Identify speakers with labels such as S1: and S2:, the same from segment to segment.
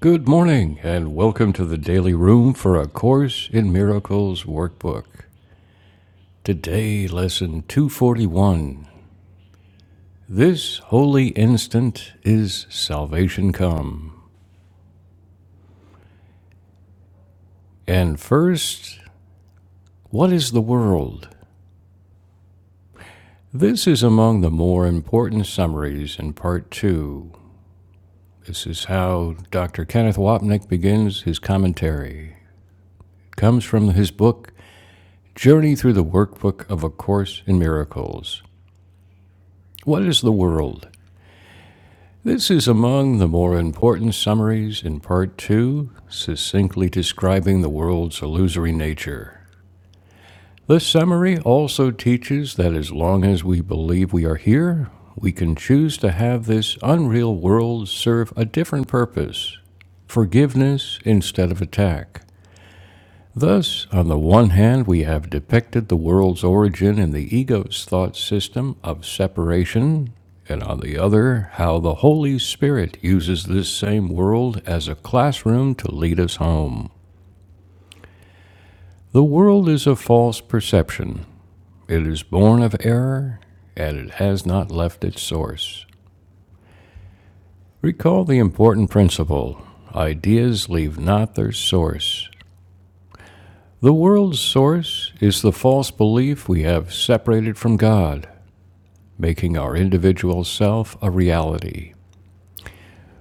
S1: Good morning, and welcome to the Daily Room for A Course in Miracles workbook. Today, lesson 241. This holy instant is salvation come. And first, what is the world? This is among the more important summaries in part two. This is how Dr. Kenneth Wapnick begins his commentary. It comes from his book, Journey Through the Workbook of A Course in Miracles. What is the world? This is among the more important summaries in Part 2, succinctly describing the world's illusory nature. This summary also teaches that as long as we believe we are here, we can choose to have this unreal world serve a different purpose forgiveness instead of attack, Thus, on the one hand, we have depicted the world's origin in the ego's thought system of separation, and on the other, how the Holy Spirit uses this same world as a classroom to lead us home. The world is a false perception, it is born of error, and it has not left its source. Recall the important principle ideas leave not their source. The world's source is the false belief we have separated from God. making our individual self a reality.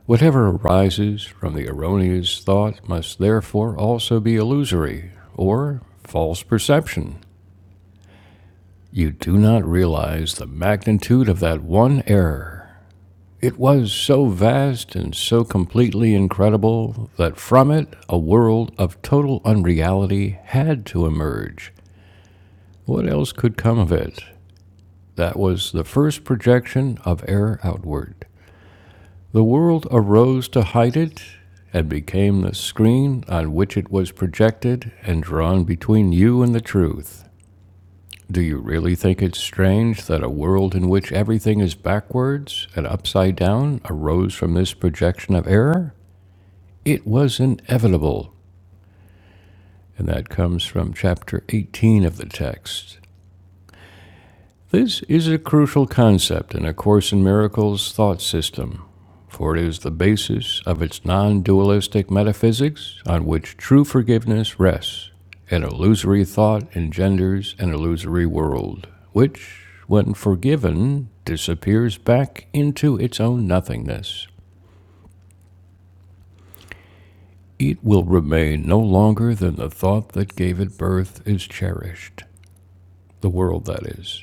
S1: Whatever arises from the erroneous thought must therefore also be illusory or false perception. You do not realize the magnitude of that one error. It was so vast and so completely incredible that from it a world of total unreality had to emerge. What else could come of it? That was the first projection of error outward. The world arose to hide it and became the screen on which it was projected and drawn between you and the truth. Do you really think it's strange that a world in which everything is backwards and upside down arose from this projection of error? It was inevitable. And that comes from chapter 18 of the text. This is a crucial concept in A Course in Miracles thought system, for it is the basis of its non dualistic metaphysics on which true forgiveness rests. An illusory thought engenders an illusory world, which, when forgiven, disappears back into its own nothingness. It will remain no longer than the thought that gave it birth is cherished, the world that is.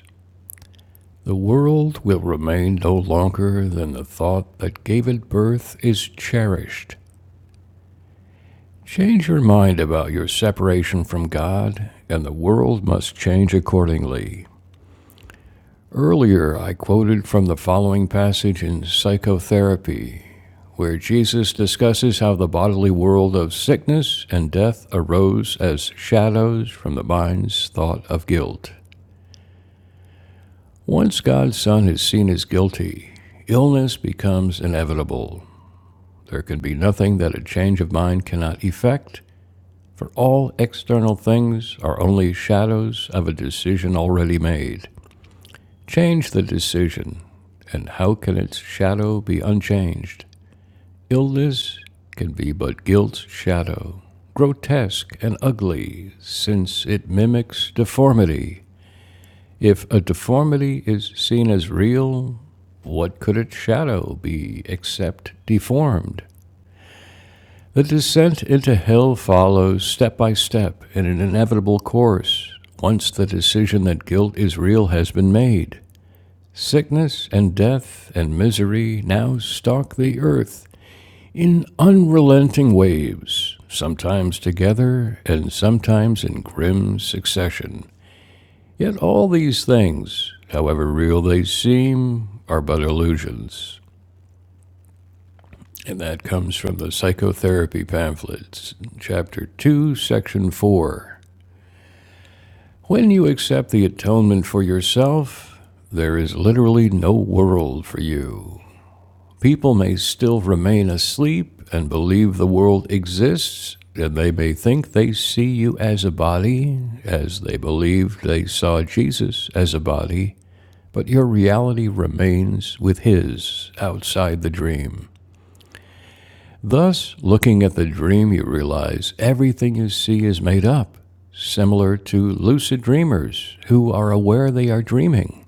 S1: The world will remain no longer than the thought that gave it birth is cherished. Change your mind about your separation from God, and the world must change accordingly. Earlier, I quoted from the following passage in Psychotherapy, where Jesus discusses how the bodily world of sickness and death arose as shadows from the mind's thought of guilt. Once God's Son is seen as guilty, illness becomes inevitable, There can be nothing that a change of mind cannot effect, for all external things are only shadows of a decision already made. Change the decision, and how can its shadow be unchanged? Illness can be but guilt's shadow, grotesque and ugly, since it mimics deformity. If a deformity is seen as real, what could its shadow be except deformed? The descent into hell follows step by step in an inevitable course, once the decision that guilt is real has been made. Sickness and death and misery now stalk the earth in unrelenting waves, sometimes together and sometimes in grim succession. Yet all these things, however real they seem, are but illusions. And that comes from the Psychotherapy Pamphlets, Chapter 2, Section 4. When you accept the atonement for yourself, there is literally no world for you. People may still remain asleep and believe the world exists, and they may think they see you as a body, as they believed they saw Jesus as a body, but your reality remains with His outside the dream. Thus, looking at the dream, you realize everything you see is made up, similar to lucid dreamers who are aware they are dreaming.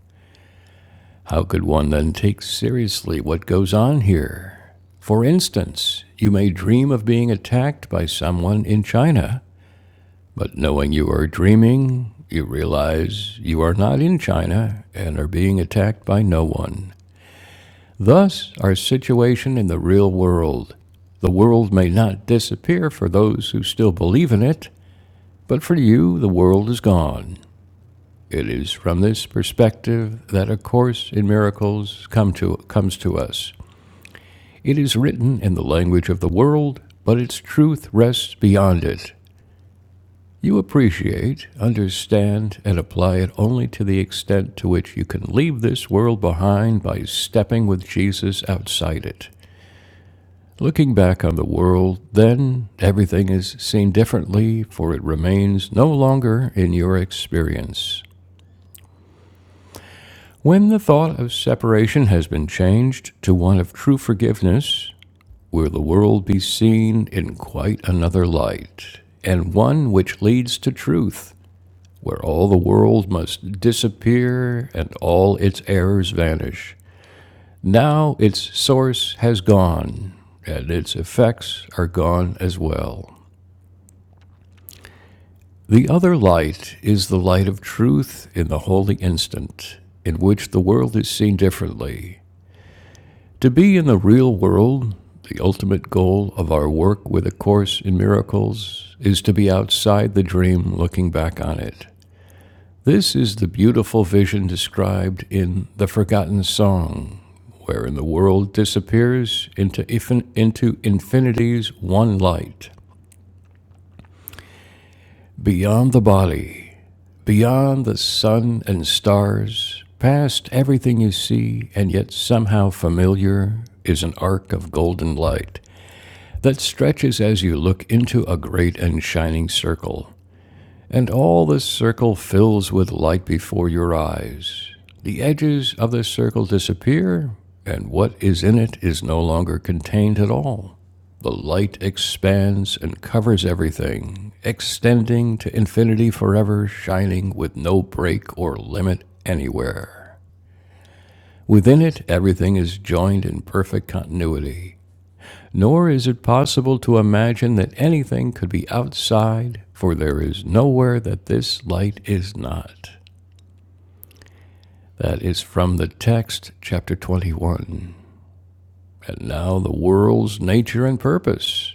S1: How could one then take seriously what goes on here? For instance, you may dream of being attacked by someone in China, but knowing you are dreaming, you realize you are not in China and are being attacked by no one. Thus, our situation in the real world. The world may not disappear for those who still believe in it, but for you, the world is gone. It is from this perspective that A Course in Miracles come to, comes to us. It is written in the language of the world, but its truth rests beyond it. You appreciate, understand, and apply it only to the extent to which you can leave this world behind by stepping with Jesus outside it. Looking back on the world, then everything is seen differently, for it remains no longer in your experience. When the thought of separation has been changed to one of true forgiveness, will the world be seen in quite another light, and one which leads to truth, where all the world must disappear and all its errors vanish. Now its source has gone, and its effects are gone as well. The other light is the light of truth in the holy instant, in which the world is seen differently. To be in the real world, the ultimate goal of our work with A Course in Miracles, is to be outside the dream looking back on it. This is the beautiful vision described in The Forgotten Song, wherein the world disappears into, into infinity's one light, beyond the body Beyond the sun and stars, past everything you see and yet somehow familiar, is an arc of golden light that stretches as you look into a great and shining circle. And all the circle fills with light before your eyes. The edges of the circle disappear, and what is in it is no longer contained at all. The light expands and covers everything, extending to infinity forever, shining with no break or limit anywhere. Within it, everything is joined in perfect continuity. Nor is it possible to imagine that anything could be outside, for there is nowhere that this light is not. That is from the text, chapter 21. And now the world's nature and purpose.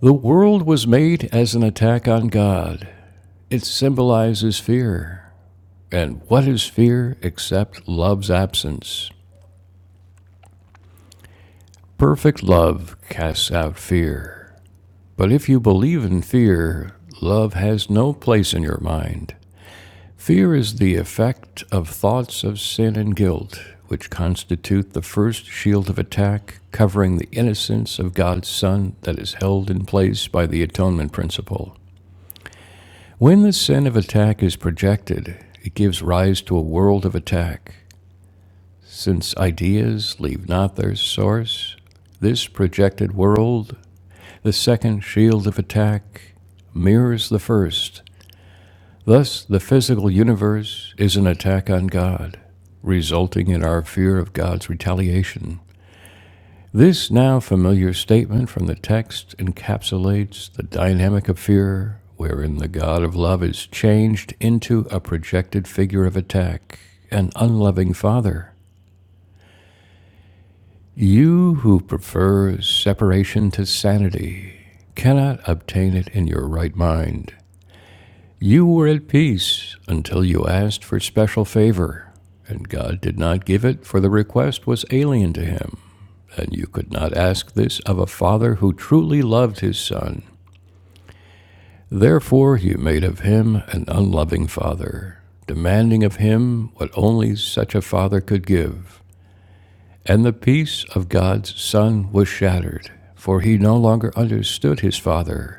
S1: The world was made as an attack on God. It symbolizes fear. And what is fear except love's absence? Perfect love casts out fear. But if you believe in fear, love has no place in your mind. Fear is the effect of thoughts of sin and guilt, which constitute the first shield of attack covering the innocence of God's Son that is held in place by the atonement principle. When the sin of attack is projected, it gives rise to a world of attack. Since ideas leave not their source, this projected world, the second shield of attack, mirrors the first Thus, the physical universe is an attack on God, resulting in our fear of God's retaliation. This now familiar statement from the text encapsulates the dynamic of fear, wherein the God of love is changed into a projected figure of attack, an unloving father. You who prefer separation to sanity cannot obtain it in your right mind. You were at peace until you asked for special favor, and God did not give it, for the request was alien to him. And you could not ask this of a father who truly loved his son. Therefore, you made of him an unloving father, demanding of him what only such a father could give. And the peace of God's Son was shattered, for he no longer understood his father,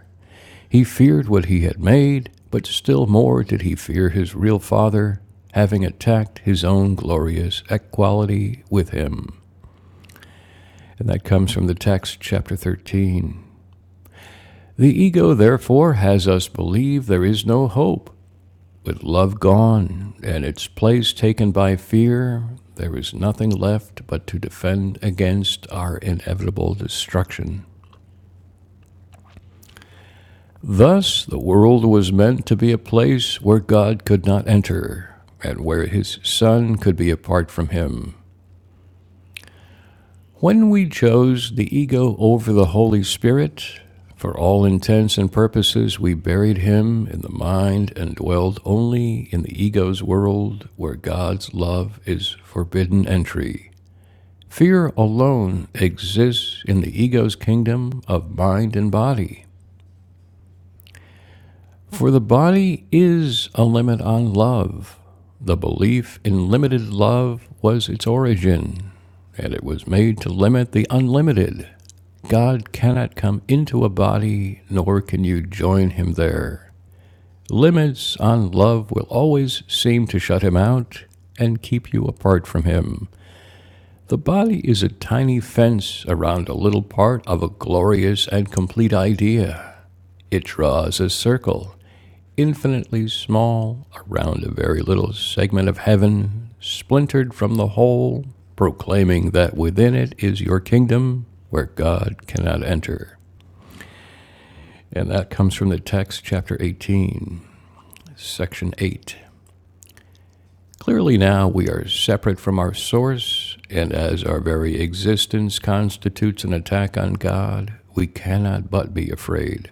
S1: he feared what he had made, but still more did he fear his real father, having attacked his own glorious equality with him. And that comes from the text, chapter 13. The ego, therefore, has us believe there is no hope. With love gone and its place taken by fear, there is nothing left but to defend against our inevitable destruction. Thus, the world was meant to be a place where God could not enter, and where his Son could be apart from him. When we chose the ego over the Holy Spirit, for all intents and purposes, we buried him in the mind and dwelled only in the ego's world where God's love is forbidden entry. Fear alone exists in the ego's kingdom of mind and body. For the body is a limit on love. The belief in limited love was its origin, and it was made to limit the unlimited. God cannot come into a body, nor can you join him there. Limits on love will always seem to shut him out and keep you apart from him. The body is a tiny fence around a little part of a glorious and complete idea. It draws a circle infinitely small, around a very little segment of heaven, splintered from the whole, proclaiming that within it is your kingdom where God cannot enter. And that comes from the text, chapter 18, section 8. Clearly, now we are separate from our source, and as our very existence constitutes an attack on God, we cannot but be afraid.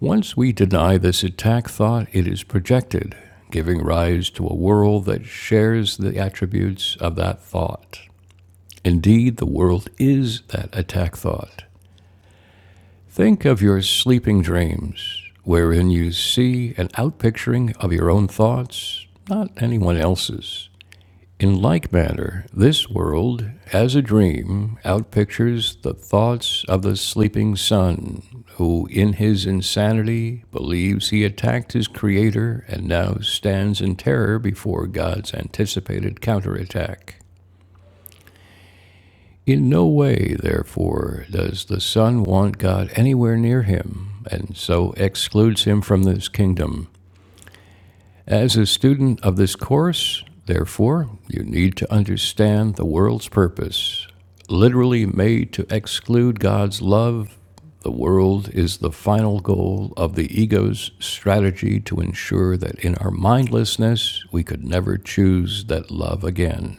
S1: Once we deny this attack thought, it is projected, giving rise to a world that shares the attributes of that thought. Indeed, the world is that attack thought. Think of your sleeping dreams, wherein you see an outpicturing of your own thoughts, not anyone else's. In like manner, this world, as a dream, outpictures the thoughts of the sleeping son, who in his insanity believes he attacked his creator and now stands in terror before God's anticipated counterattack. In no way, therefore, does the son want God anywhere near him, and so excludes him from this kingdom. As a student of this course, therefore, you need to understand the world's purpose. Literally made to exclude God's love, the world is the final goal of the ego's strategy to ensure that in our mindlessness we could never choose that love again.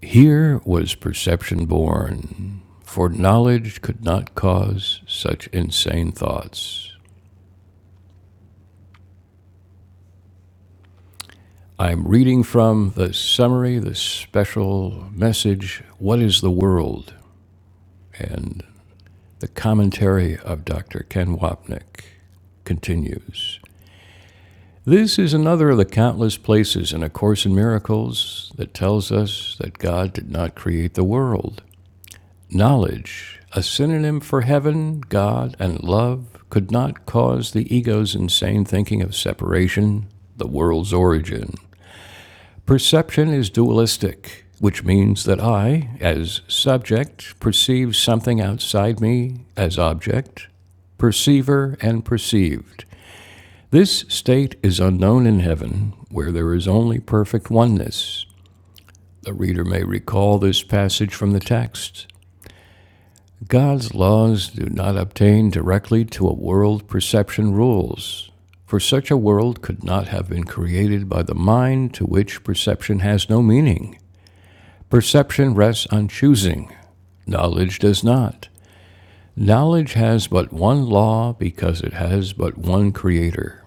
S1: Here was perception born, for knowledge could not cause such insane thoughts. I'm reading from the summary, the special message, What is the World? And the commentary of Dr. Ken Wapnick continues. This is another of the countless places in A Course in Miracles that tells us that God did not create the world. Knowledge, a synonym for heaven, God, and love, could not cause the ego's insane thinking of separation, the world's origin. Perception is dualistic, which means that I, as subject, perceive something outside me as object, perceiver and perceived. This state is unknown in heaven, where there is only perfect oneness. The reader may recall this passage from the text. God's laws do not obtain directly to a world perception rules, for such a world could not have been created by the mind to which perception has no meaning. Perception rests on choosing, knowledge does not. Knowledge has but one law because it has but one creator,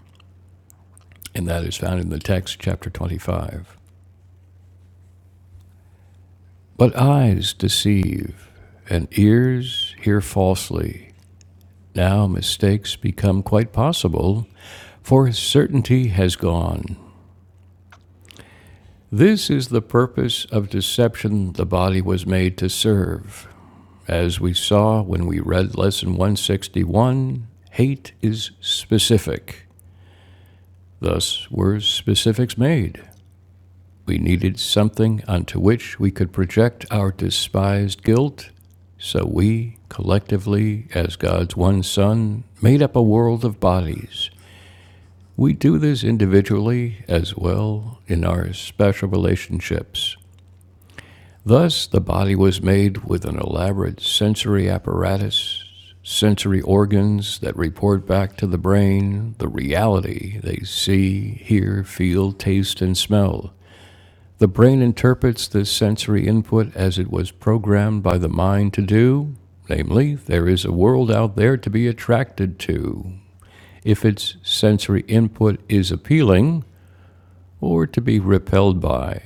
S1: and that is found in the text, chapter 25. But eyes deceive, and ears hear falsely. Now mistakes become quite possible, for certainty has gone. This is the purpose of deception the body was made to serve As we saw when we read Lesson 161, hate is specific. Thus were specifics made. We needed something onto which we could project our despised guilt, so we, collectively, as God's one Son, made up a world of bodies. We do this individually as well in our special relationships. Thus, the body was made with an elaborate sensory apparatus, sensory organs that report back to the brain the reality they see, hear, feel, taste, and smell. The brain interprets this sensory input as it was programmed by the mind to do, namely, there is a world out there to be attracted to. If its sensory input is appealing, or to be repelled by,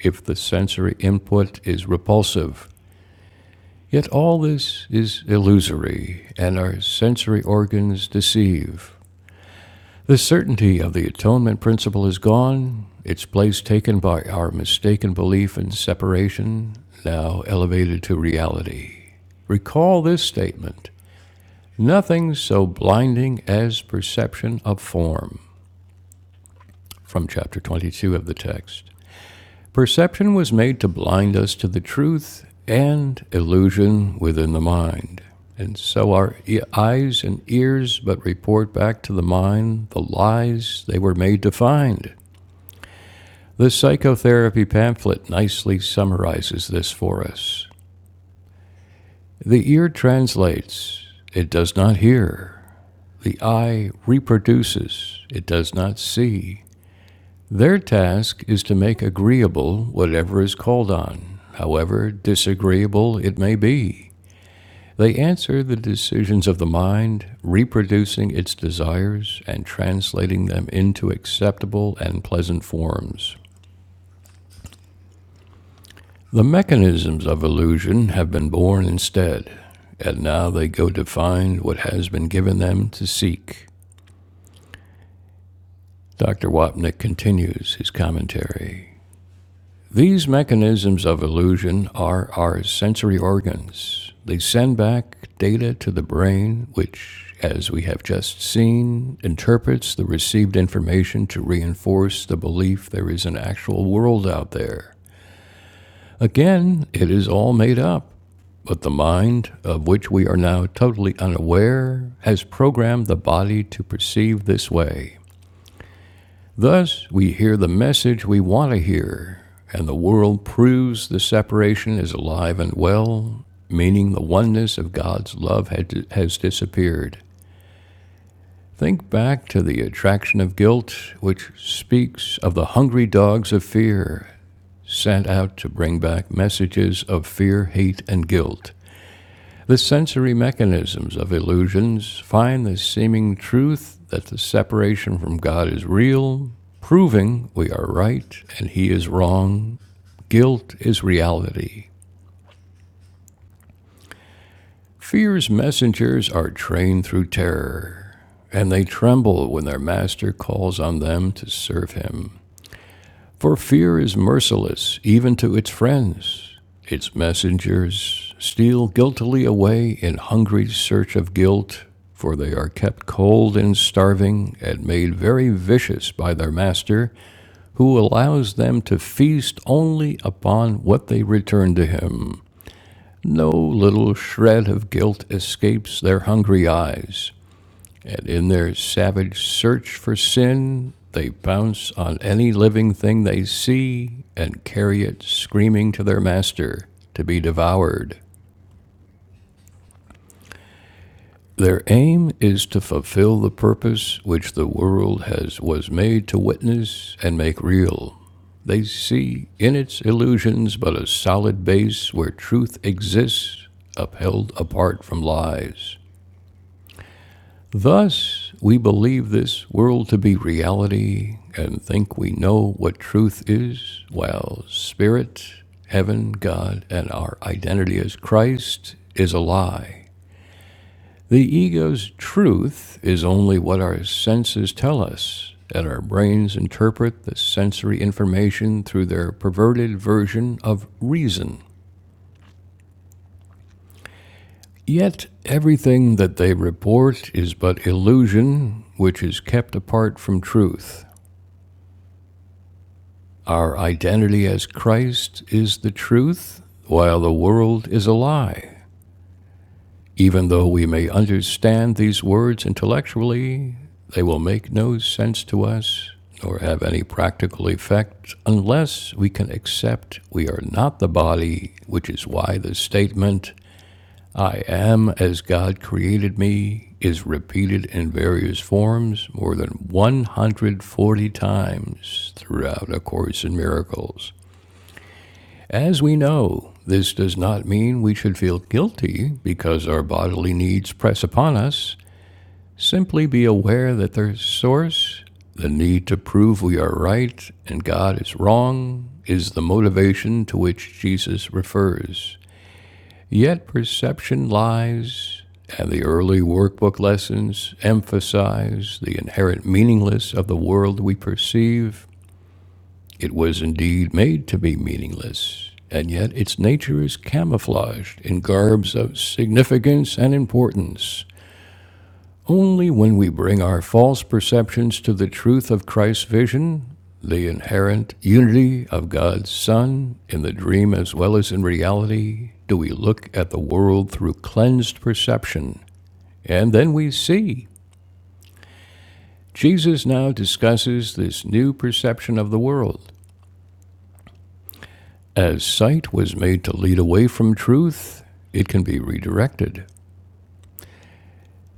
S1: if the sensory input is repulsive. Yet all this is illusory, and our sensory organs deceive. The certainty of the atonement principle is gone, its place taken by our mistaken belief in separation, now elevated to reality. Recall this statement Nothing so blinding as perception of form, from chapter 22 of the text. Perception was made to blind us to the truth and illusion within the mind. And so our e- eyes and ears but report back to the mind the lies they were made to find. The psychotherapy pamphlet nicely summarizes this for us. The ear translates, it does not hear. The eye reproduces, it does not see. Their task is to make agreeable whatever is called on, however disagreeable it may be. They answer the decisions of the mind, reproducing its desires and translating them into acceptable and pleasant forms. The mechanisms of illusion have been born instead, and now they go to find what has been given them to seek. Dr. Wapnick continues his commentary. These mechanisms of illusion are our sensory organs. They send back data to the brain, which, as we have just seen, interprets the received information to reinforce the belief there is an actual world out there. Again, it is all made up, but the mind, of which we are now totally unaware, has programmed the body to perceive this way. Thus, we hear the message we want to hear, and the world proves the separation is alive and well, meaning the oneness of God's love had, has disappeared. Think back to the attraction of guilt, which speaks of the hungry dogs of fear sent out to bring back messages of fear, hate, and guilt. The sensory mechanisms of illusions find the seeming truth that the separation from God is real, proving we are right and He is wrong. Guilt is reality. Fear's messengers are trained through terror, and they tremble when their master calls on them to serve him. For fear is merciless even to its friends. Its messengers steal guiltily away in hungry search of guilt, for they are kept cold and starving and made very vicious by their master, who allows them to feast only upon what they return to him. No little shred of guilt escapes their hungry eyes. And in their savage search for sin, they pounce on any living thing they see and carry it screaming to their master to be devoured. Their aim is to fulfill the purpose which the world has was made to witness and make real. They see in its illusions but a solid base where truth exists, upheld apart from lies. Thus, we believe this world to be reality and think we know what truth is, while spirit, heaven, God, and our identity as Christ is a lie. The ego's truth is only what our senses tell us, and our brains interpret the sensory information through their perverted version of reason. Yet everything that they report is but illusion, which is kept apart from truth. Our identity as Christ is the truth, while the world is a lie. Even though we may understand these words intellectually, they will make no sense to us nor have any practical effect unless we can accept we are not the body, which is why the statement, I am as God created me, is repeated in various forms more than 140 times throughout A Course in Miracles. As we know, this does not mean we should feel guilty because our bodily needs press upon us. Simply be aware that their source, the need to prove we are right and God is wrong, is the motivation to which Jesus refers. Yet perception lies, and the early workbook lessons emphasize the inherent meaninglessness of the world we perceive it was indeed made to be meaningless, and yet its nature is camouflaged in garbs of significance and importance. Only when we bring our false perceptions to the truth of Christ's vision, the inherent unity of God's Son in the dream as well as in reality, do we look at the world through cleansed perception. And then we see. Jesus now discusses this new perception of the world. As sight was made to lead away from truth, it can be redirected.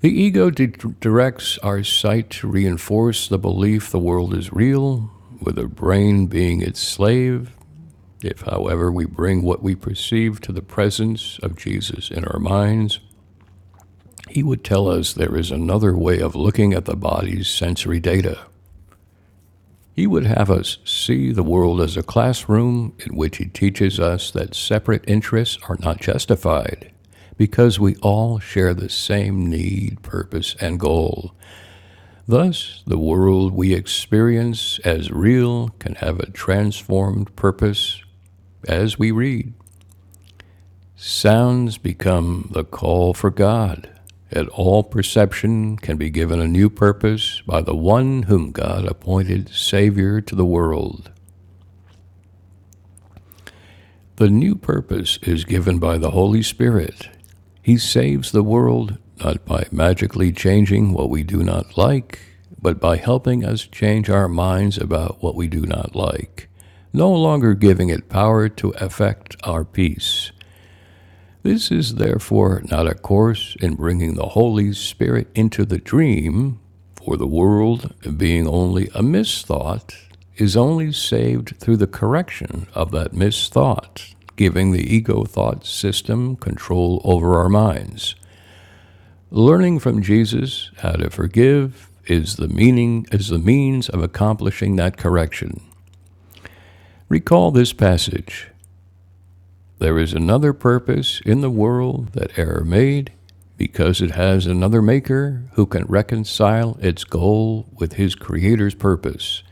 S1: The ego de- directs our sight to reinforce the belief the world is real, with the brain being its slave. If, however, we bring what we perceive to the presence of Jesus in our minds, he would tell us there is another way of looking at the body's sensory data. He would have us see the world as a classroom in which he teaches us that separate interests are not justified because we all share the same need, purpose, and goal. Thus, the world we experience as real can have a transformed purpose as we read. Sounds become the call for God, and all perception can be given a new purpose by the one whom God appointed Savior to the world. The new purpose is given by the Holy Spirit. He saves the world not by magically changing what we do not like, but by helping us change our minds about what we do not like, no longer giving it power to affect our peace. This is therefore not a course in bringing the Holy Spirit into the dream, for the world, being only a misthought, is only saved through the correction of that misthought, giving the ego thought system control over our minds. Learning from Jesus how to forgive is the meaning is the means of accomplishing that correction. Recall this passage There is another purpose in the world that error made, because it has another maker who can reconcile its goal with his creator's purpose.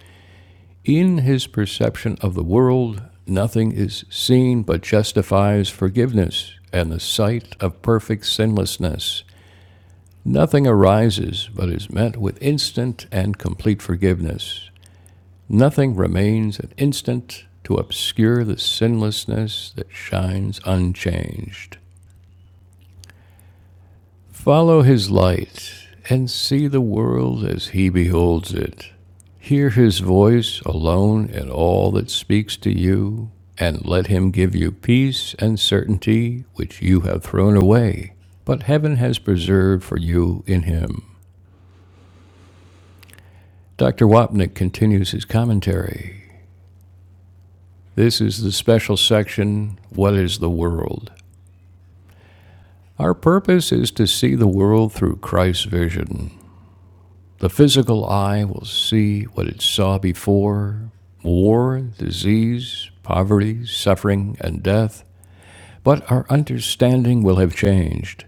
S1: In his perception of the world, nothing is seen but justifies forgiveness and the sight of perfect sinlessness. Nothing arises but is met with instant and complete forgiveness. Nothing remains an instant to obscure the sinlessness that shines unchanged. Follow his light and see the world as he beholds it. Hear his voice alone in all that speaks to you, and let him give you peace and certainty which you have thrown away, but heaven has preserved for you in him. Dr. Wapnick continues his commentary. This is the special section What is the World? Our purpose is to see the world through Christ's vision. The physical eye will see what it saw before war, disease, poverty, suffering, and death. But our understanding will have changed.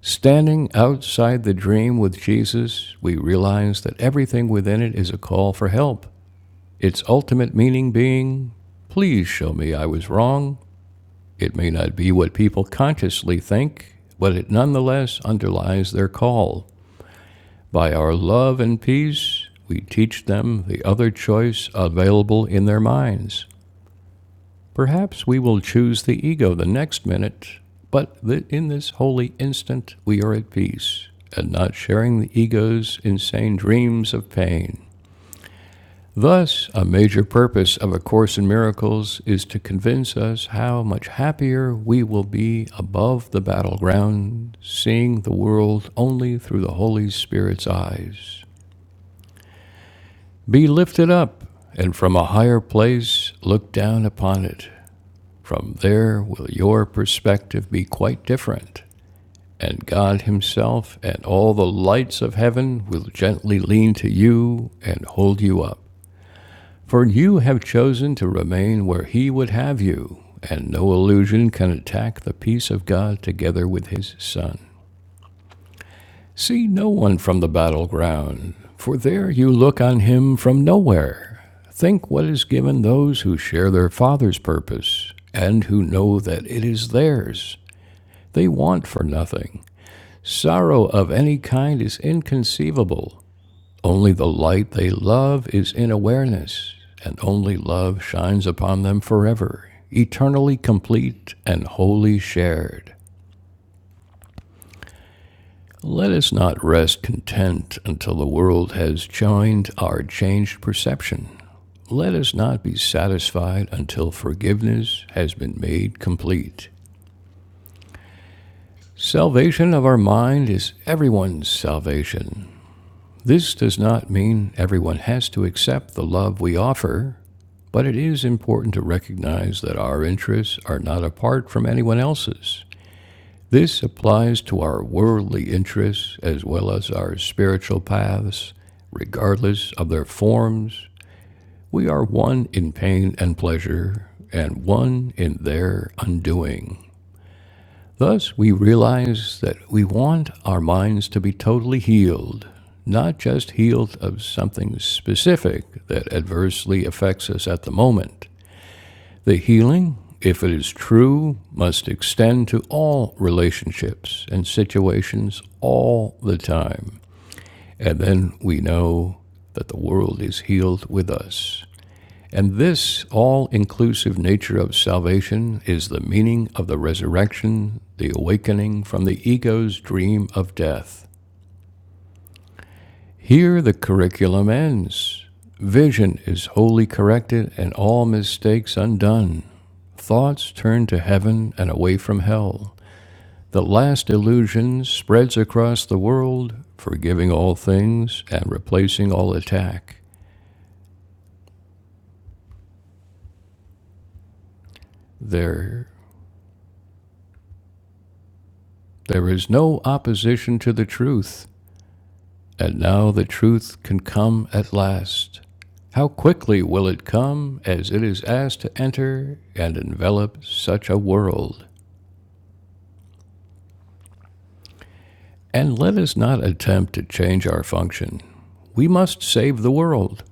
S1: Standing outside the dream with Jesus, we realize that everything within it is a call for help, its ultimate meaning being, Please show me I was wrong. It may not be what people consciously think, but it nonetheless underlies their call. By our love and peace, we teach them the other choice available in their minds. Perhaps we will choose the ego the next minute, but in this holy instant, we are at peace and not sharing the ego's insane dreams of pain. Thus, a major purpose of A Course in Miracles is to convince us how much happier we will be above the battleground, seeing the world only through the Holy Spirit's eyes. Be lifted up, and from a higher place look down upon it. From there will your perspective be quite different, and God Himself and all the lights of heaven will gently lean to you and hold you up. For you have chosen to remain where He would have you, and no illusion can attack the peace of God together with His Son. See no one from the battleground, for there you look on him from nowhere. Think what is given those who share their Father's purpose, and who know that it is theirs. They want for nothing. Sorrow of any kind is inconceivable. Only the light they love is in awareness, and only love shines upon them forever, eternally complete and wholly shared. Let us not rest content until the world has joined our changed perception. Let us not be satisfied until forgiveness has been made complete. Salvation of our mind is everyone's salvation. This does not mean everyone has to accept the love we offer, but it is important to recognize that our interests are not apart from anyone else's. This applies to our worldly interests as well as our spiritual paths, regardless of their forms. We are one in pain and pleasure, and one in their undoing. Thus, we realize that we want our minds to be totally healed, not just healed of something specific that adversely affects us at the moment. The healing, if it is true, must extend to all relationships and situations all the time. And then we know that the world is healed with us. And this all inclusive nature of salvation is the meaning of the resurrection, the awakening from the ego's dream of death. Here the curriculum ends. Vision is wholly corrected and all mistakes undone. Thoughts turn to heaven and away from hell. The last illusion spreads across the world, forgiving all things and replacing all attack. There, there is no opposition to the truth, and now the truth can come at last. How quickly will it come as it is asked to enter and envelop such a world? And let us not attempt to change our function. We must save the world.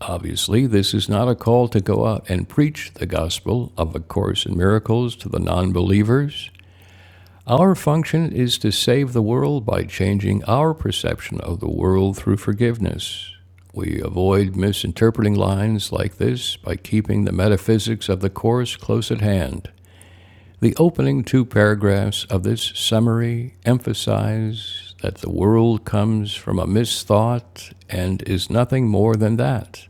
S1: Obviously, this is not a call to go out and preach the gospel of A Course in Miracles to the non believers. Our function is to save the world by changing our perception of the world through forgiveness. We avoid misinterpreting lines like this by keeping the metaphysics of the Course close at hand. The opening two paragraphs of this summary emphasize that the world comes from a misthought and is nothing more than that.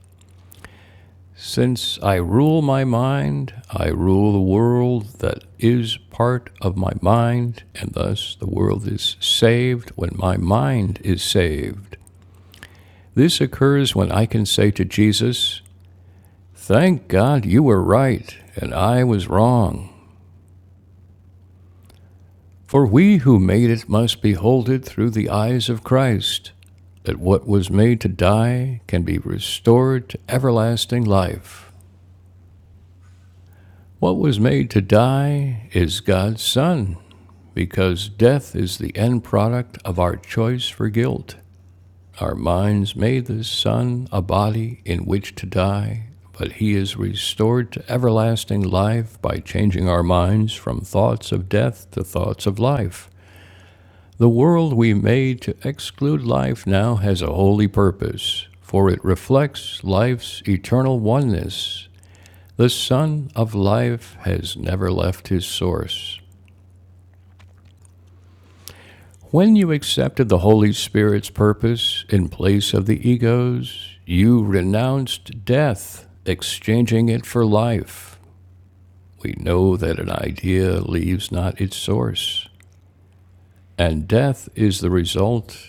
S1: Since I rule my mind, I rule the world that is part of my mind, and thus the world is saved when my mind is saved. This occurs when I can say to Jesus, Thank God you were right and I was wrong. For we who made it must behold it through the eyes of Christ, that what was made to die can be restored to everlasting life. What was made to die is God's Son, because death is the end product of our choice for guilt. Our minds made the Son a body in which to die, but he is restored to everlasting life by changing our minds from thoughts of death to thoughts of life. The world we made to exclude life now has a holy purpose, for it reflects life's eternal oneness. The Son of Life has never left his source. When you accepted the Holy Spirit's purpose in place of the ego's, you renounced death, exchanging it for life. We know that an idea leaves not its source, and death is the result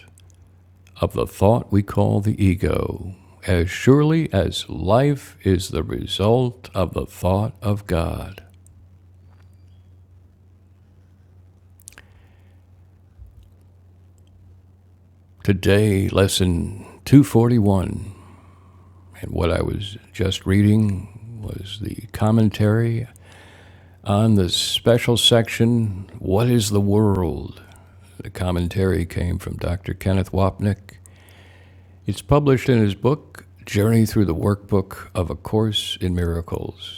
S1: of the thought we call the ego, as surely as life is the result of the thought of God. Today, lesson 241, and what I was just reading was the commentary on the special section, What is the World? The commentary came from Dr. Kenneth Wapnick. It's published in his book, Journey Through the Workbook of A Course in Miracles.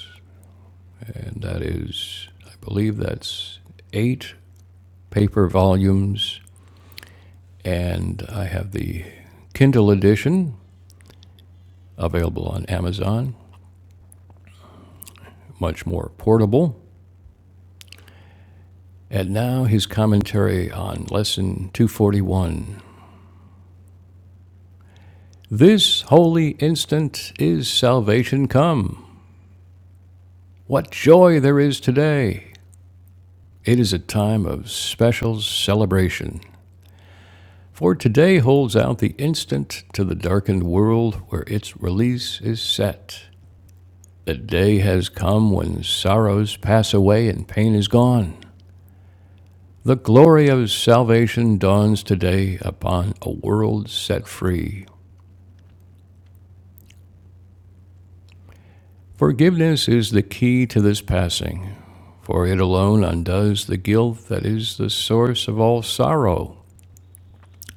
S1: And that is, I believe that's eight paper volumes. And I have the Kindle edition available on Amazon, much more portable. And now his commentary on Lesson 241. This holy instant is salvation come. What joy there is today! It is a time of special celebration. For today holds out the instant to the darkened world where its release is set. The day has come when sorrows pass away and pain is gone. The glory of salvation dawns today upon a world set free. Forgiveness is the key to this passing, for it alone undoes the guilt that is the source of all sorrow.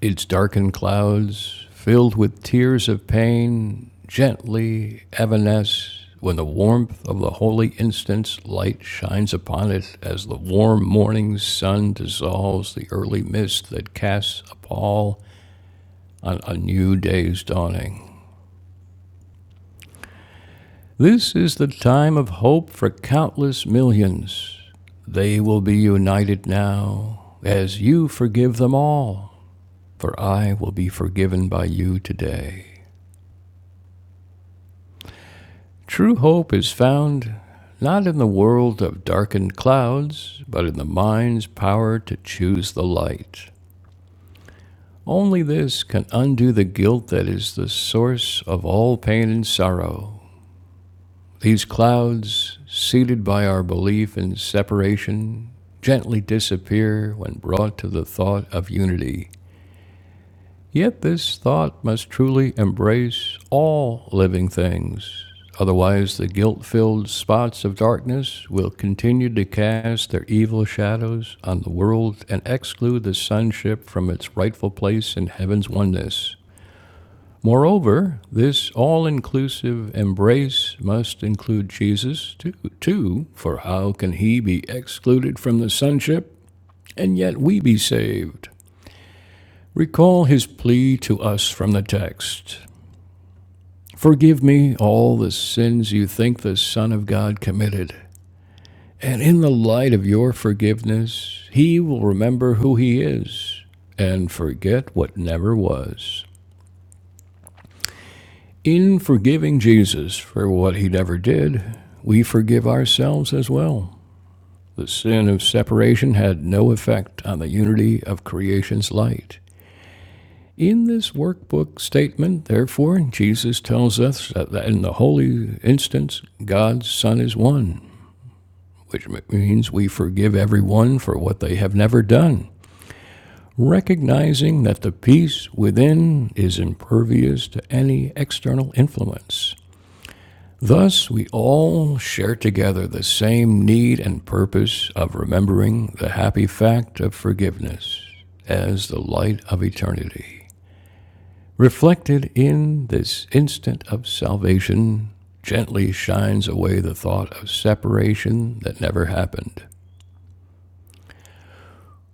S1: Its darkened clouds, filled with tears of pain, gently evanesce when the warmth of the holy instant's light shines upon it as the warm morning sun dissolves the early mist that casts a pall on a new day's dawning. This is the time of hope for countless millions. They will be united now as you forgive them all, for I will be forgiven by you today. True hope is found not in the world of darkened clouds, but in the mind's power to choose the light. Only this can undo the guilt that is the source of all pain and sorrow. These clouds, seated by our belief in separation, gently disappear when brought to the thought of unity. Yet this thought must truly embrace all living things. Otherwise, the guilt filled spots of darkness will continue to cast their evil shadows on the world and exclude the sonship from its rightful place in heaven's oneness. Moreover, this all inclusive embrace must include Jesus too, too, for how can he be excluded from the sonship and yet we be saved? Recall his plea to us from the text Forgive me all the sins you think the Son of God committed. And in the light of your forgiveness, he will remember who he is and forget what never was. In forgiving Jesus for what he never did, we forgive ourselves as well. The sin of separation had no effect on the unity of creation's light. In this workbook statement, therefore, Jesus tells us that in the holy instance, God's Son is one. which means we forgive everyone for what they have never done, recognizing that the peace within is impervious to any external influence. Thus, we all share together the same need and purpose of remembering the happy fact of forgiveness as the light of eternity, reflected in this instant of salvation. Gently shines away the thought of separation that never happened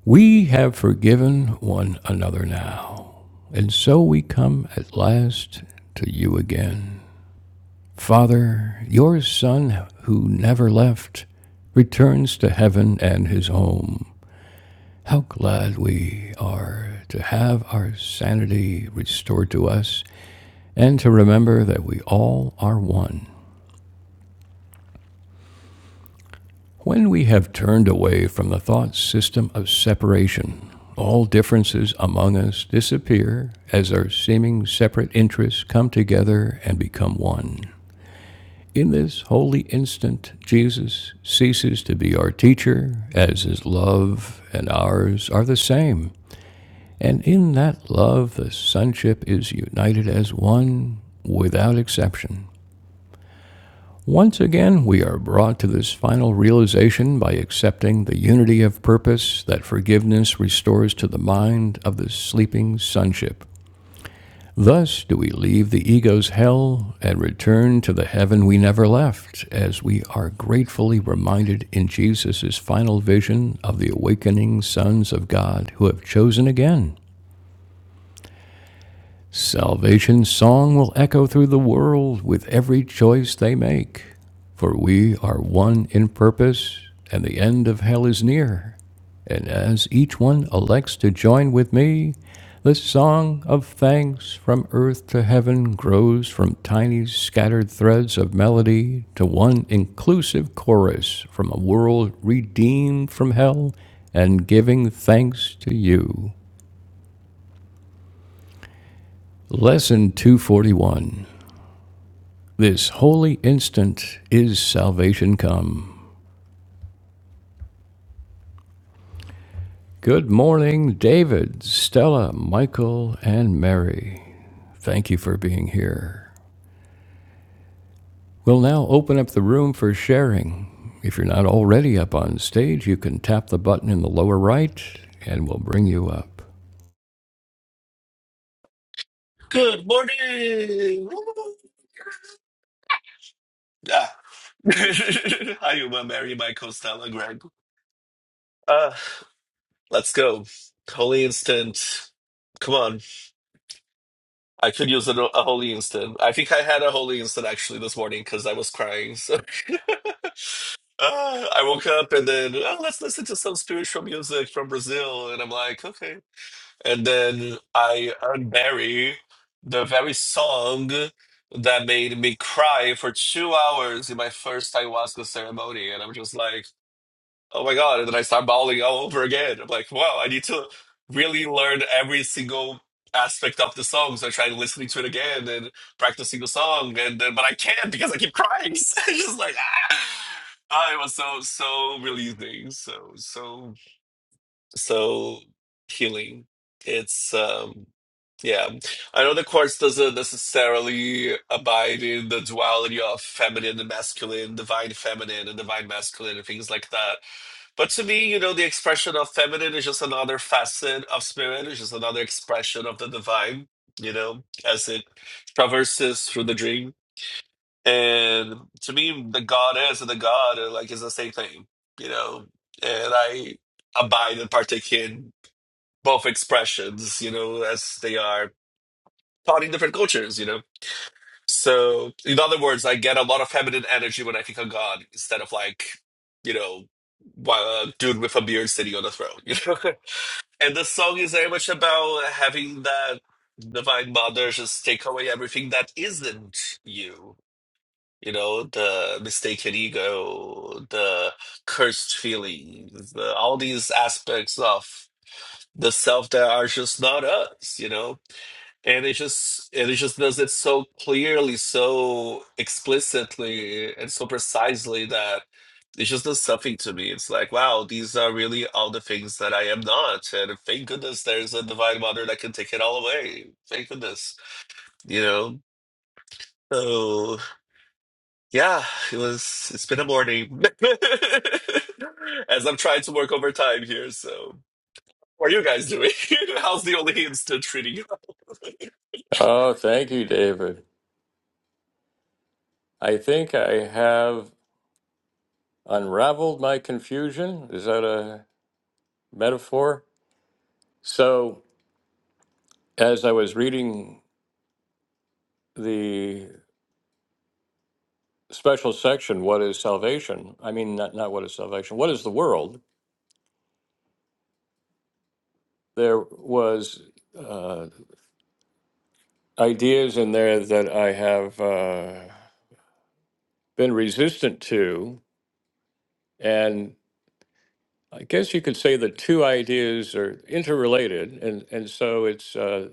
S1: We have forgiven one another now, and so we come at last to you again. Father, your Son, who never left, returns to heaven and his home. How glad we are to have our sanity restored to us and to remember that we all are one. When we have turned away from the thought system of separation, all differences among us disappear as our seeming separate interests come together and become one. In this holy instant, Jesus ceases to be our teacher, as his love and ours are the same. And in that love, the sonship is united as one without exception. Once again, we are brought to this final realization by accepting the unity of purpose that forgiveness restores to the mind of the sleeping sonship. Thus do we leave the ego's hell and return to the heaven we never left, as we are gratefully reminded in Jesus' final vision of the awakening sons of God who have chosen again Salvation's song will echo through the world with every choice they make, for we are one in purpose, and the end of hell is near. And as each one elects to join with me, the song of thanks from earth to heaven grows from tiny scattered threads of melody to one inclusive chorus from a world redeemed from hell and giving thanks to you. Lesson 241 This holy instant is salvation come. Good morning, David, Stella, Michael, and Mary. Thank you for being here. We'll now open up the room for sharing. If you're not already up on stage, you can tap the button in the lower right and we'll bring you up.
S2: Good morning. Ah. Hi, Uma, Mary, Michael, Stella, Greg. Uh, let's go. Holy instant. Come on. I could use a, a holy instant. I think I had a holy instant actually this morning because I was crying. So uh, I woke up and then, oh, let's listen to some spiritual music from Brazil. And I'm like, okay. And then I unbury the very song that made me cry for two hours in my first ayahuasca ceremony. And I'm just like, oh my God. And then I start bawling all over again. I'm like, wow, I need to really learn every single aspect of the song. So I tried listening to it again and practicing the song. And then, but I can't because I keep crying. So it's just like, ah. Ah, it was so, so releasing. So, so so healing it's um yeah i know the course doesn't necessarily abide in the duality of feminine and masculine divine feminine and divine masculine and things like that but to me you know the expression of feminine is just another facet of spirit it's just another expression of the divine you know as it traverses through the dream and to me the goddess and the god are like is the same thing you know and i abide and partake in both expressions, you know, as they are taught in different cultures, you know. So, in other words, I get a lot of feminine energy when I think of God instead of like, you know, wa- a dude with a beard sitting on a throne, you know. and the song is very much about having that divine mother just take away everything that isn't you. You know, the mistaken ego, the cursed feelings, the, all these aspects of the self that are just not us, you know? and it just and it just does it so clearly so explicitly and so precisely that it just does something to me it's like wow these are really all the things that i am not and thank goodness there's a divine mother that can take it all away thank goodness you know so yeah it was it's been a morning as i'm trying to work overtime here so what are you guys doing how's the only instant treating you
S1: Oh, thank you, David. I think I have unraveled my confusion. Is that a metaphor? So, as I was reading the special section, what is salvation? I mean, not, not what is salvation, what is the world? There was uh, ideas in there that I have uh, been resistant to. And I guess you could say the two ideas are interrelated. And, and so it's uh,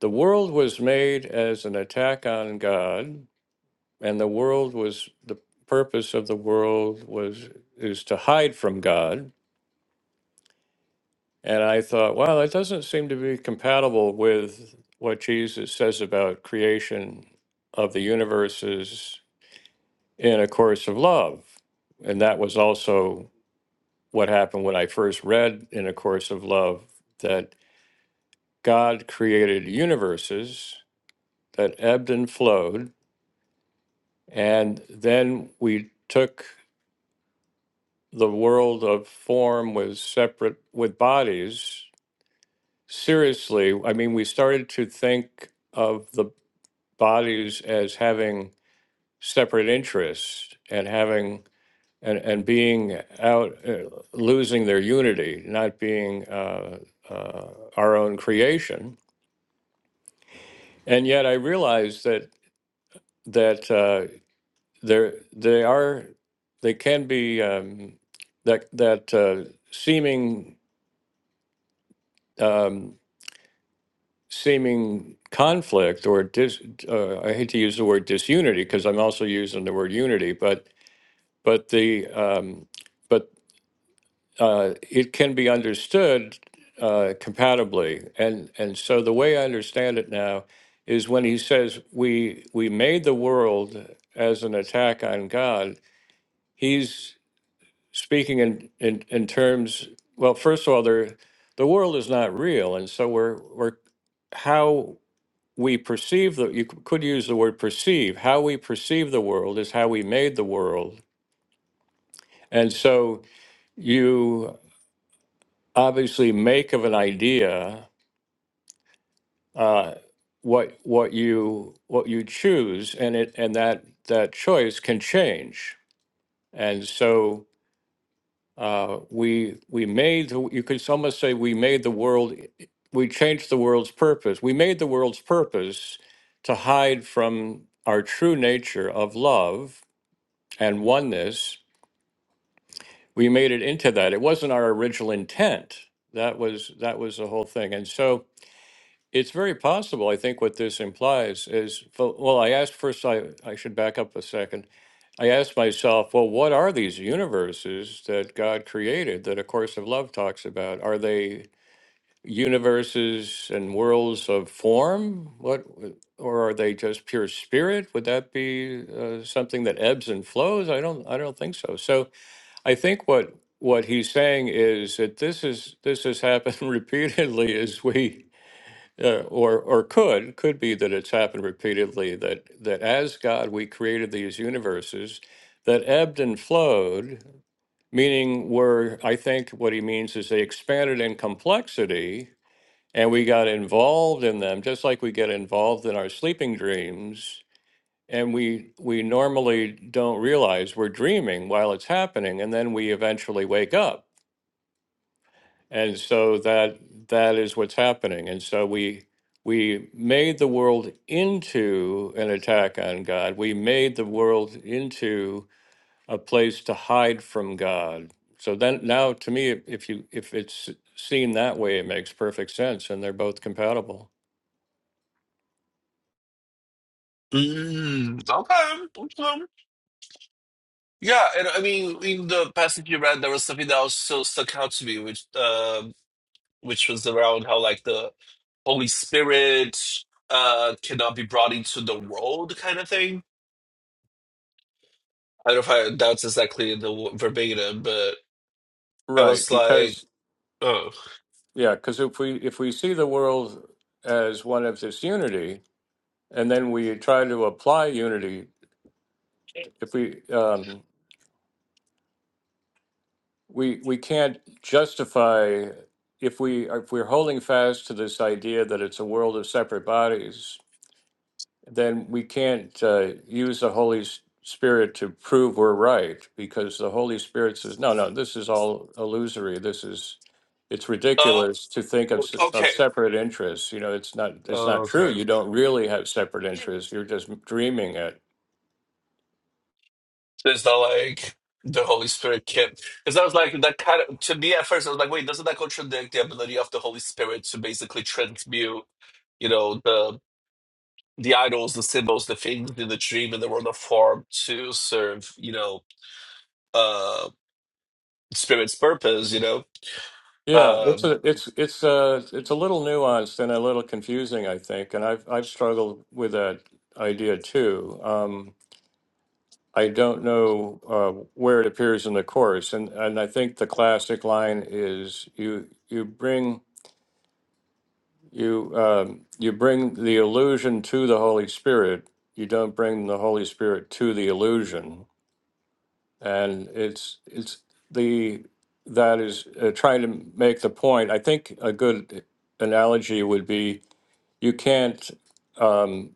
S1: the world was made as an attack on God, and the world was the purpose of the world was is to hide from God And I thought, wow, that doesn't seem to be compatible with what Jesus says about creation of the universes in A Course of Love. And that was also what happened when I first read in A Course of Love that God created universes that ebbed and flowed. And then we took the world of form with separate, with bodies seriously. I mean, we started to think of the bodies as having separate interests and having and, and being out uh, losing their unity not being uh, uh, our own creation and yet i realize that that uh, there they are they can be um, that that uh, seeming um, seeming conflict or dis, uh, I hate to use the word disunity because I'm also using the word unity, but but the um, but uh, it can be understood uh, compatibly. And, and so the way I understand it now is when he says, we, we made the world as an attack on God, he's speaking in, in, in terms, well, first of all, there, the world is not real. And so we're, we're how we perceive the, you c- could use the word perceive, how we perceive the world is how we made the world. And so you obviously make of an idea uh, what what you what you choose, and it and that that choice can change. And so uh, we we made the, you could almost say we made the world we changed the world's purpose. We made the world's purpose to hide from our true nature of love and oneness. We made it into that. It wasn't our original intent. That was that was the whole thing. And so It's very possible. I think what this implies is, fo- well, I asked first, I, I should back up a second. I asked myself, well, what are these universes that God created that A Course of Love talks about? Are they universes and worlds of form? What, or are they just pure spirit? Would that be uh, something that ebbs and flows? I don't, I don't think so. So I think what what he's saying is that this is this has happened repeatedly as we uh, or or could could be that it's happened repeatedly that that as God we created these universes that ebbed and flowed, meaning were I think what he means is they expanded in complexity and we got involved in them just like we get involved in our sleeping dreams and we we normally don't realize we're dreaming while it's happening and then we eventually wake up and so that that is what's happening. And so we we made the world into an attack on God. We made the world into a place to hide from God. So then now to me if if you if it's seen that way it makes perfect sense and they're both compatible.
S2: Mm, okay. okay. Yeah, and I mean, in the passage you read, there was something that also stuck out to me, which um which was around how like the Holy Spirit uh cannot be brought into the world, kind of thing. I don't know if I, that's exactly the w- verbatim, but I
S1: Right,
S2: was like,
S1: because
S2: oh,
S1: yeah, because if we if we see the world as one of this unity, and then we try to apply unity, if we um, we we can't justify if we if we're holding fast to this idea that it's a world of separate bodies then we can't uh, use the holy S- spirit to prove we're right because the holy spirit says no no this is all illusory this is it's
S2: oh,
S1: ridiculous to think of, s- of
S2: okay,
S1: separate interests you know it's not it's not true you
S2: okay.
S1: don't really have separate interests you're just dreaming it
S2: It's not like the Holy Spirit can't. Because I was like, that kind of, to me at first, I was like, wait, doesn't that contradict the ability of the Holy Spirit to basically transmute, you know, the the idols, the symbols, the things in the dream in the world of form to serve, you know, uh spirit's purpose, you know?
S1: Yeah, it's
S2: Um
S1: a it's it's a it's a little nuanced and a little confusing, I think, and I've I've struggled with that idea too. Um, I don't know uh, where it appears in the course, and and I think the classic line is you you bring you um, you bring the illusion to the Holy Spirit. You don't bring the Holy Spirit to the illusion. and it's it's the that is uh, trying to make the point. I think a good analogy would be you can't um,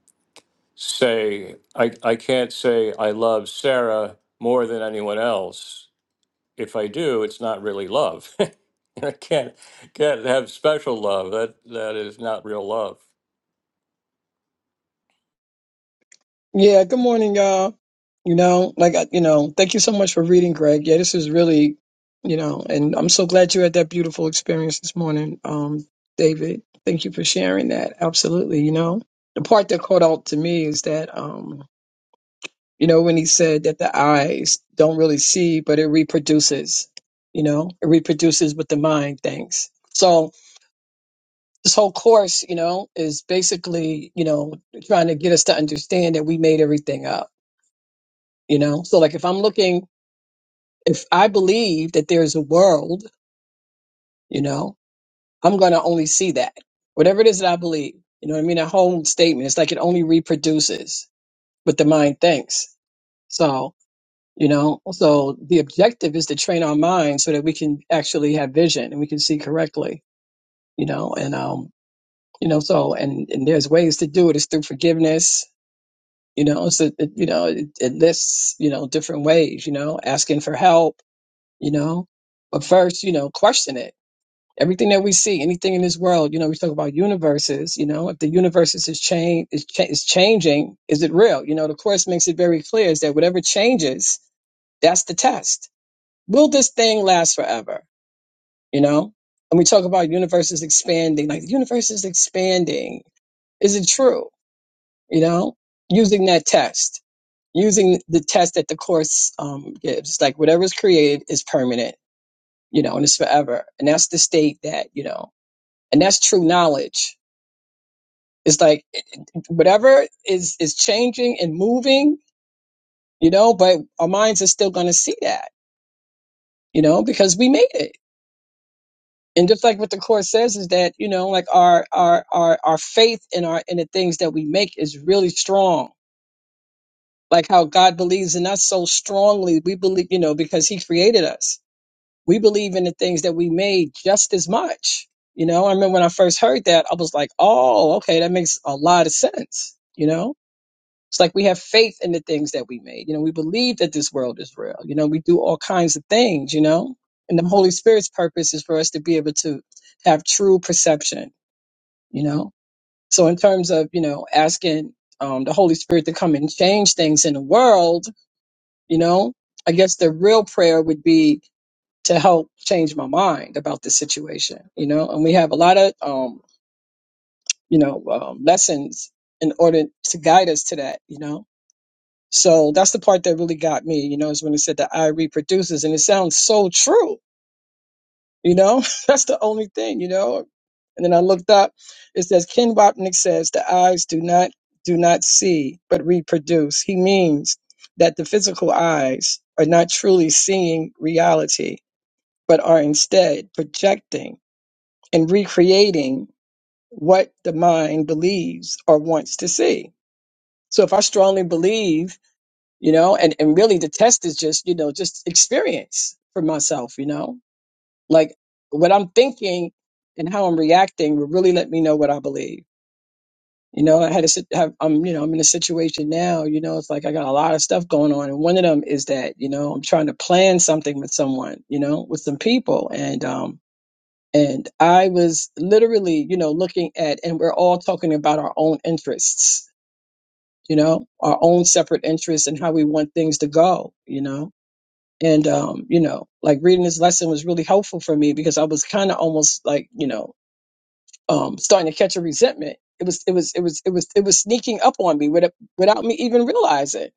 S1: say I I can't say I love Sarah more than anyone else. If I do, it's not really love. I can't can't have special love. That that is not real love.
S3: Yeah, good morning, y'all. You know, like, I- you know, thank you so much for reading, Greg. Yeah, this is really, you know, and I'm so glad you had that beautiful experience this morning, um, David. Thank you for sharing that. Absolutely. You know, the part that caught out to me is that, um, you know, when he said that the eyes don't really see, but it reproduces, you know, it reproduces what the mind thinks. So this whole course, you know, is basically, you know, trying to get us to understand that we made everything up you know so like if i'm looking if i believe that there's a world you know i'm going to only see that whatever it is that i believe you know what i mean that whole statement it's like it only reproduces what the mind thinks so you know so the objective is to train our mind so that we can actually have vision and we can see correctly you know and um you know so and and there's ways to do it it's through forgiveness you know so it, you know it, it lists you know different ways you know asking for help you know. But first, you know, question it. Everything that we see, anything in this world, you know, we talk about universes, you know, if the universes is change is, cha- is changing, is it real? You know, the course makes it very clear is that whatever changes, that's the test. Will this thing last forever? You know? And we talk about universes expanding, like the universe is expanding. Is it true? You know? Using that test. Using the test that the course um, gives. Like whatever is created is permanent you know, and it's forever. And that's the state that, you know, and that's true knowledge. It's like it- it- whatever is is changing and moving, you know, but our minds are still going to see that, you know, because we made it. And just like what the course says is that, you know, like our our our our faith in our in the things that we make is really strong. Like how God believes in us so strongly, we believe, you know, because he created us we believe in the things that we made just as much. You know, I remember when I first heard that, I was like, oh, okay, that makes a lot of sense. You know, it's like we have faith in the things that we made. You know, we believe that this world is real. You know, we do all kinds of things, you know, and the Holy Spirit's purpose is for us to be able to have true perception, you know. So, in terms of, you know, asking um, the Holy Spirit to come and change things in the world, you know, I guess the real prayer would be to help change my mind about the situation, you know. And we have a lot of, um, you know, um, lessons in order to guide us to that, you know. So that's the part that really got me, you know, is when it said the eye reproduces, and it sounds so true, you know. that's the only thing, you know. And then I looked up, it says Ken Wapnick says the eyes do not do not see but reproduce. He means that the physical eyes are not truly seeing reality, but are instead projecting and recreating what the mind believes or wants to see. So if I strongly believe, you know, and, and really the test is just, you know, just experience for myself, you know, like what I'm thinking and how I'm reacting will really let me know what I believe. You know, I had a sit- have, I'm, you know, I'm in a situation now, you know, it's like I got a lot of stuff going on. And one of them is that, you know, I'm trying to plan something with someone, you know, with some people. And, um, And I was literally, you know, looking at, and we're all talking about our own interests, you know, our own separate interests and how we want things to go, you know. And, um, you know, like reading this lesson was really helpful for me because I was kind of almost like, you know, um, starting to catch a resentment. It was, it was, it was, it was, it was sneaking up on me without, without me even realizing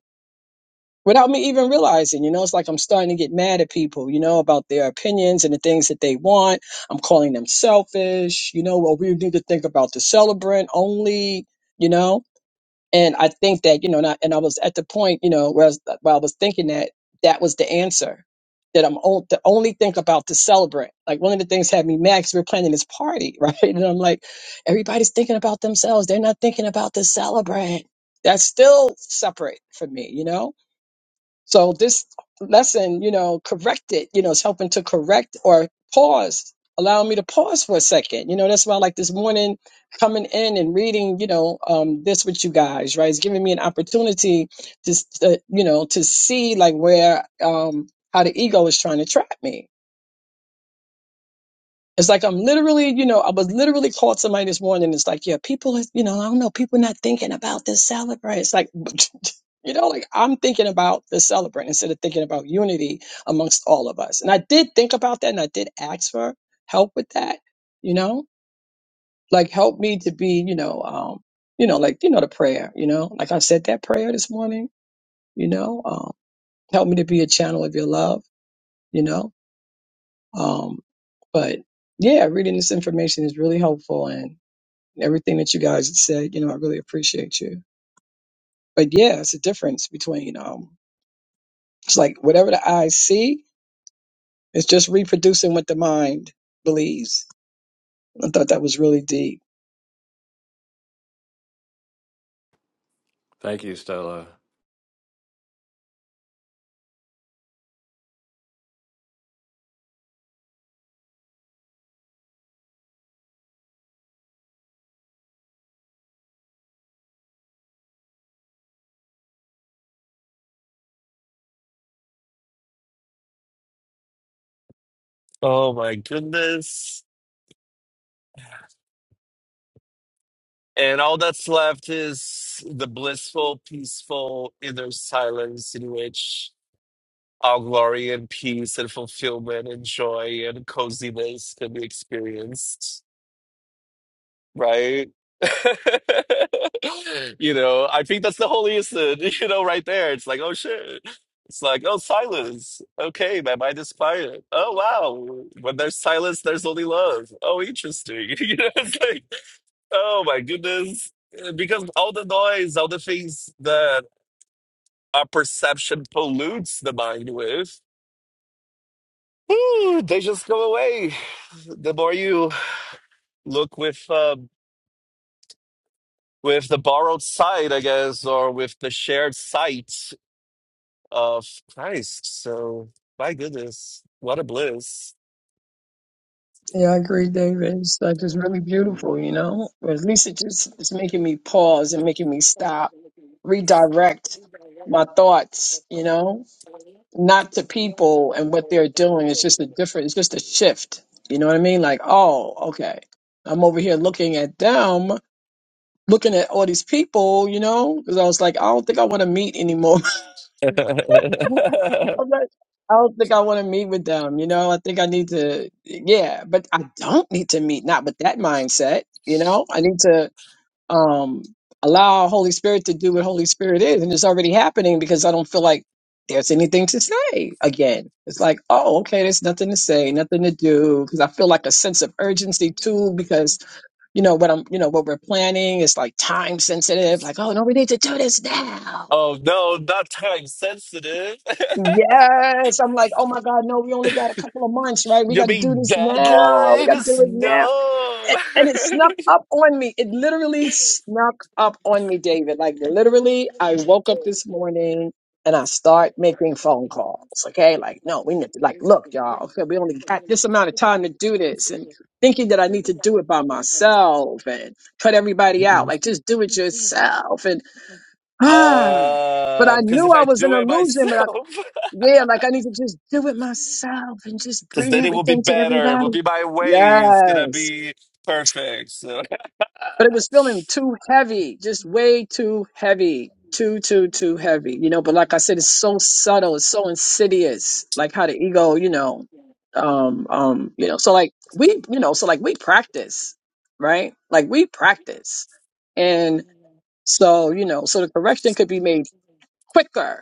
S3: without me even realizing, you know, it's like I'm starting to get mad at people, you know, about their opinions and the things that they want. I'm calling them selfish, you know, well, we need to think about the celebrant only, you know. And I think that, you know, and I, and I was at the point, you know, where I, was, where I was thinking that that was the answer, that I'm on, to only think about the celebrant. Like one of the things had me mad because we were planning this party, right? And I'm like, everybody's thinking about themselves. They're not thinking about the celebrant. That's still separate for me, you know? So this lesson, you know, corrected, you know, it's helping to correct or pause, allow me to pause for a second. You know, that's why like this morning coming in and reading, you know, um, this with you guys, right? It's giving me an opportunity to, s- uh, you know, to see like where, um, how the ego is trying to trap me it's like I'm literally, you know, I was literally called somebody this morning. It's like, yeah, people, is- you know, I don't know, people not thinking about this celebrant. It's like, you know, like I'm thinking about the celebrant instead of thinking about unity amongst all of us. And I did think about that, and I did ask for help with that. You know, like help me to be, you know, um, you know, like you know, the prayer. You know, like I said that prayer this morning. You know, um, help me to be a channel of your love. You know, um, but yeah, reading this information is really helpful and and everything that you guys have said. You know, I really appreciate you. But yeah, it's a difference between um, it's like whatever the eyes see, it's just reproducing what the mind believes. I thought that was really deep.
S1: Thank you, Stella.
S2: oh my goodness. And all that's left is the blissful, peaceful, inner silence in which All glory and peace and fulfillment and joy and coziness can be experienced, right? you know, I think that's the holy instant, you know, right there. It's like, oh shit. It's like, oh, silence. Okay, my mind is quiet. Oh, wow. When there's silence, there's only love. Oh, interesting. you know, it's like, oh my goodness. Because all the noise, all the things that our perception pollutes the mind with Ooh, they just go away. The more you look with uh, with the borrowed side, I guess, or with the shared sight of Christ. So, my goodness, what a bliss!
S3: Yeah, I agree, David. It's like it's really beautiful, you know. Or at least it just it's making me pause and making me stop, redirect my thoughts, you know, not to people and what they're doing. It's just a different. It's just a shift. You know what I mean? Like, oh, okay, I'm over here looking at them, looking at all these people, you know, because I was like, I don't think I want to meet anymore. I'm like, I don't think I want to meet with them. You know, I think I need to, yeah, but I don't need to meet, not with that mindset. You know, I need to um, allow Holy Spirit to do what Holy Spirit is. And it's already happening because I don't feel like there's anything to say again. It's like, oh, okay, there's nothing to say, nothing to do. Because I feel like a sense of urgency too, because, you know, what I'm, you know, what we're planning is like time sensitive. Like, oh, no, we need to do this now
S2: oh no, not time sensitive.
S3: Yes. I'm like, oh my God, no, we only got a couple of months, right? We
S2: you
S3: got to do
S2: mean
S3: this now. We got to do
S2: deadlines?
S3: it now.
S2: No.
S3: And, and it snuck up on me. It literally snuck up on me, David. Like, literally, I woke up this morning and I start making phone calls. Okay. Like, no, we need to, like, look, y'all, okay, we only got this amount of time to do this. And thinking that I need to do it by myself and cut everybody out. Like, just do it yourself. And, ah, but
S2: Uh,
S3: I
S2: because
S3: knew
S2: if
S3: I
S2: I
S3: was an
S2: do it
S3: illusion.
S2: myself.
S3: Yeah, like I need to just do it myself and just
S2: because
S3: bring
S2: then it will be
S3: everything to
S2: better. It will
S3: everybody.
S2: be my way. It's gonna
S3: Yes.
S2: be perfect. So
S3: But it was feeling too heavy, just way too heavy. Too, too, too heavy. You know, but like I said, it's so subtle, it's so insidious, like how the ego, you know, um, um, you know, so like we, you know, so like we practice, right? Like we practice. And so, you know, so the correction could be made quicker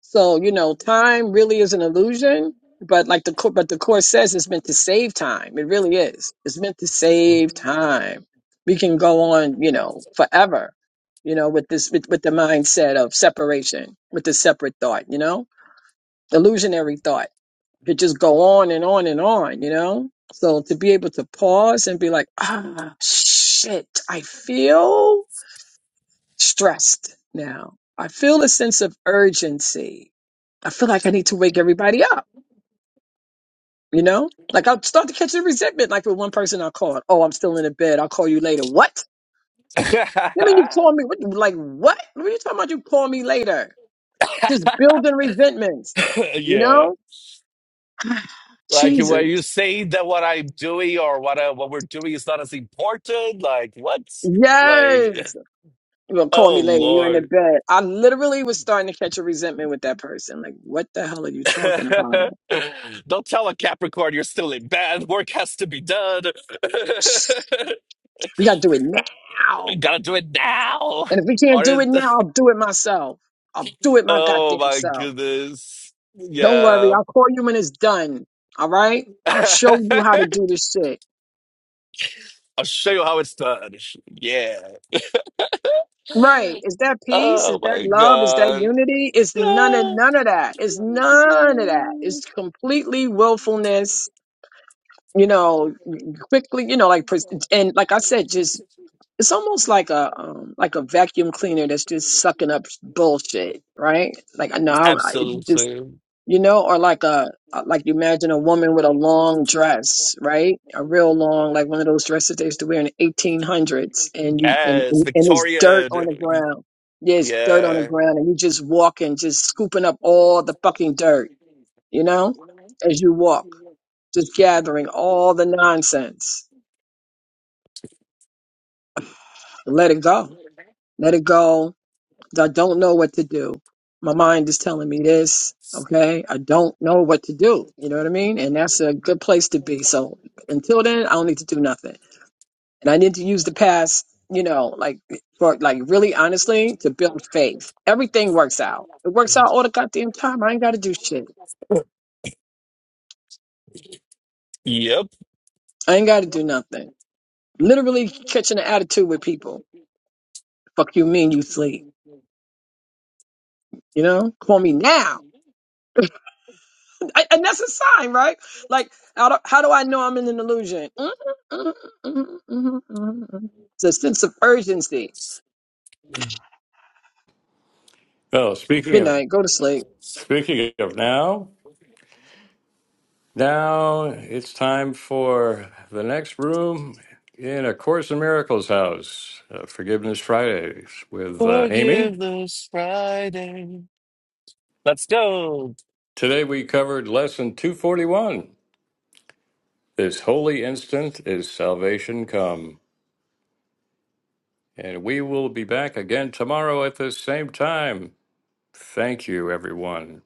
S3: So, you know, time really is an illusion, but like the cour- but the course says it's meant to save time. It really is. It's meant to save time. We can go on, you know, forever, you know, with this with, with the mindset of separation, with the separate thought, you know? Illusionary thought. It just go on and on and on, you know? So to be able to pause and be like, ah, shit, I feel stressed now. I feel a sense of urgency. I feel like I need to wake everybody up, you know? Like I'll start to catch the resentment. Like with one person I called, oh, I'm still in the bed. I'll call you later. What? You mean you call me? What, like what? What are you talking about? You call me later. Just building resentments, you
S2: yeah,
S3: know?
S2: like
S3: Jesus.
S2: when you say that what I'm doing or what I, what we're doing is not as important, like what? Like
S3: Yes. Well, call
S2: oh
S3: me later. You're in the
S2: Lord,
S3: bed. I literally was starting to catch a resentment with that person. Like, what the hell are you talking about?
S2: don't tell a Capricorn you're still in bed. Work has to be done.
S3: We got to do it
S2: You
S3: now.
S2: gotta do it now.
S3: And if you can't
S2: Or
S3: do
S2: is-
S3: it now, I'll do it myself. I'll do it my
S2: oh
S3: goddamn
S2: my
S3: self.
S2: goodness,
S3: Don't worry,
S2: yeah.
S3: I'll call you when it's done. All right? I'll show you how to do this shit.
S2: I'll show you how it's done. Yeah.
S3: Right. Is that peace? Is
S2: Oh
S3: that
S2: my
S3: love? Is that
S2: God.
S3: unity? It's none of
S2: No.
S3: none of that. It's none of that. It's completely willfulness, you know, quickly, you know, like pres- and like I said, just it's almost like a um like a vacuum cleaner that's just sucking up bullshit, right? Like I know
S2: Absolutely.
S3: you know, or like a like you imagine a woman with a long dress, right? A real long, like one of those dresses they used to wear in the eighteen hundreds, and you and
S2: Yes.
S3: and there's dirt on the
S2: Victorian.
S3: ground. There's dirt on the
S2: Yeah.
S3: ground, and you just walking, just scooping up all the fucking dirt, you know, as you walk, just gathering all the nonsense. Let it go. Let it go I don't know what to do. My mind is telling me this. Okay. I don't know what to do. You know what I mean? And that's a good place to be. So until then, I don't need to do nothing. And I need to use the past, you know, like for like really honestly to build faith. Everything works out. It works out all the goddamn time. I ain't got to do shit.
S2: Yep.
S3: I ain't got to do nothing. Literally catching an attitude with people. Fuck you mean you sleep. You know, call me now I- and that's a sign, right? Like, how do, how do I know I'm in an illusion? Mhm, mhm, mhm, mhm, mhm. It's a sense of urgency.
S1: Oh, speaking
S3: Good
S1: of
S3: night. Go to sleep.
S1: speaking of now. Now it's time for the next room in A Course in Miracles House, uh, Forgiveness Fridays with uh, Amy.
S2: Forgiveness Friday. Let's go.
S1: Today we covered Lesson 241 This Holy Instant is Salvation Come. And we will be back again tomorrow at the same time. Thank you, everyone.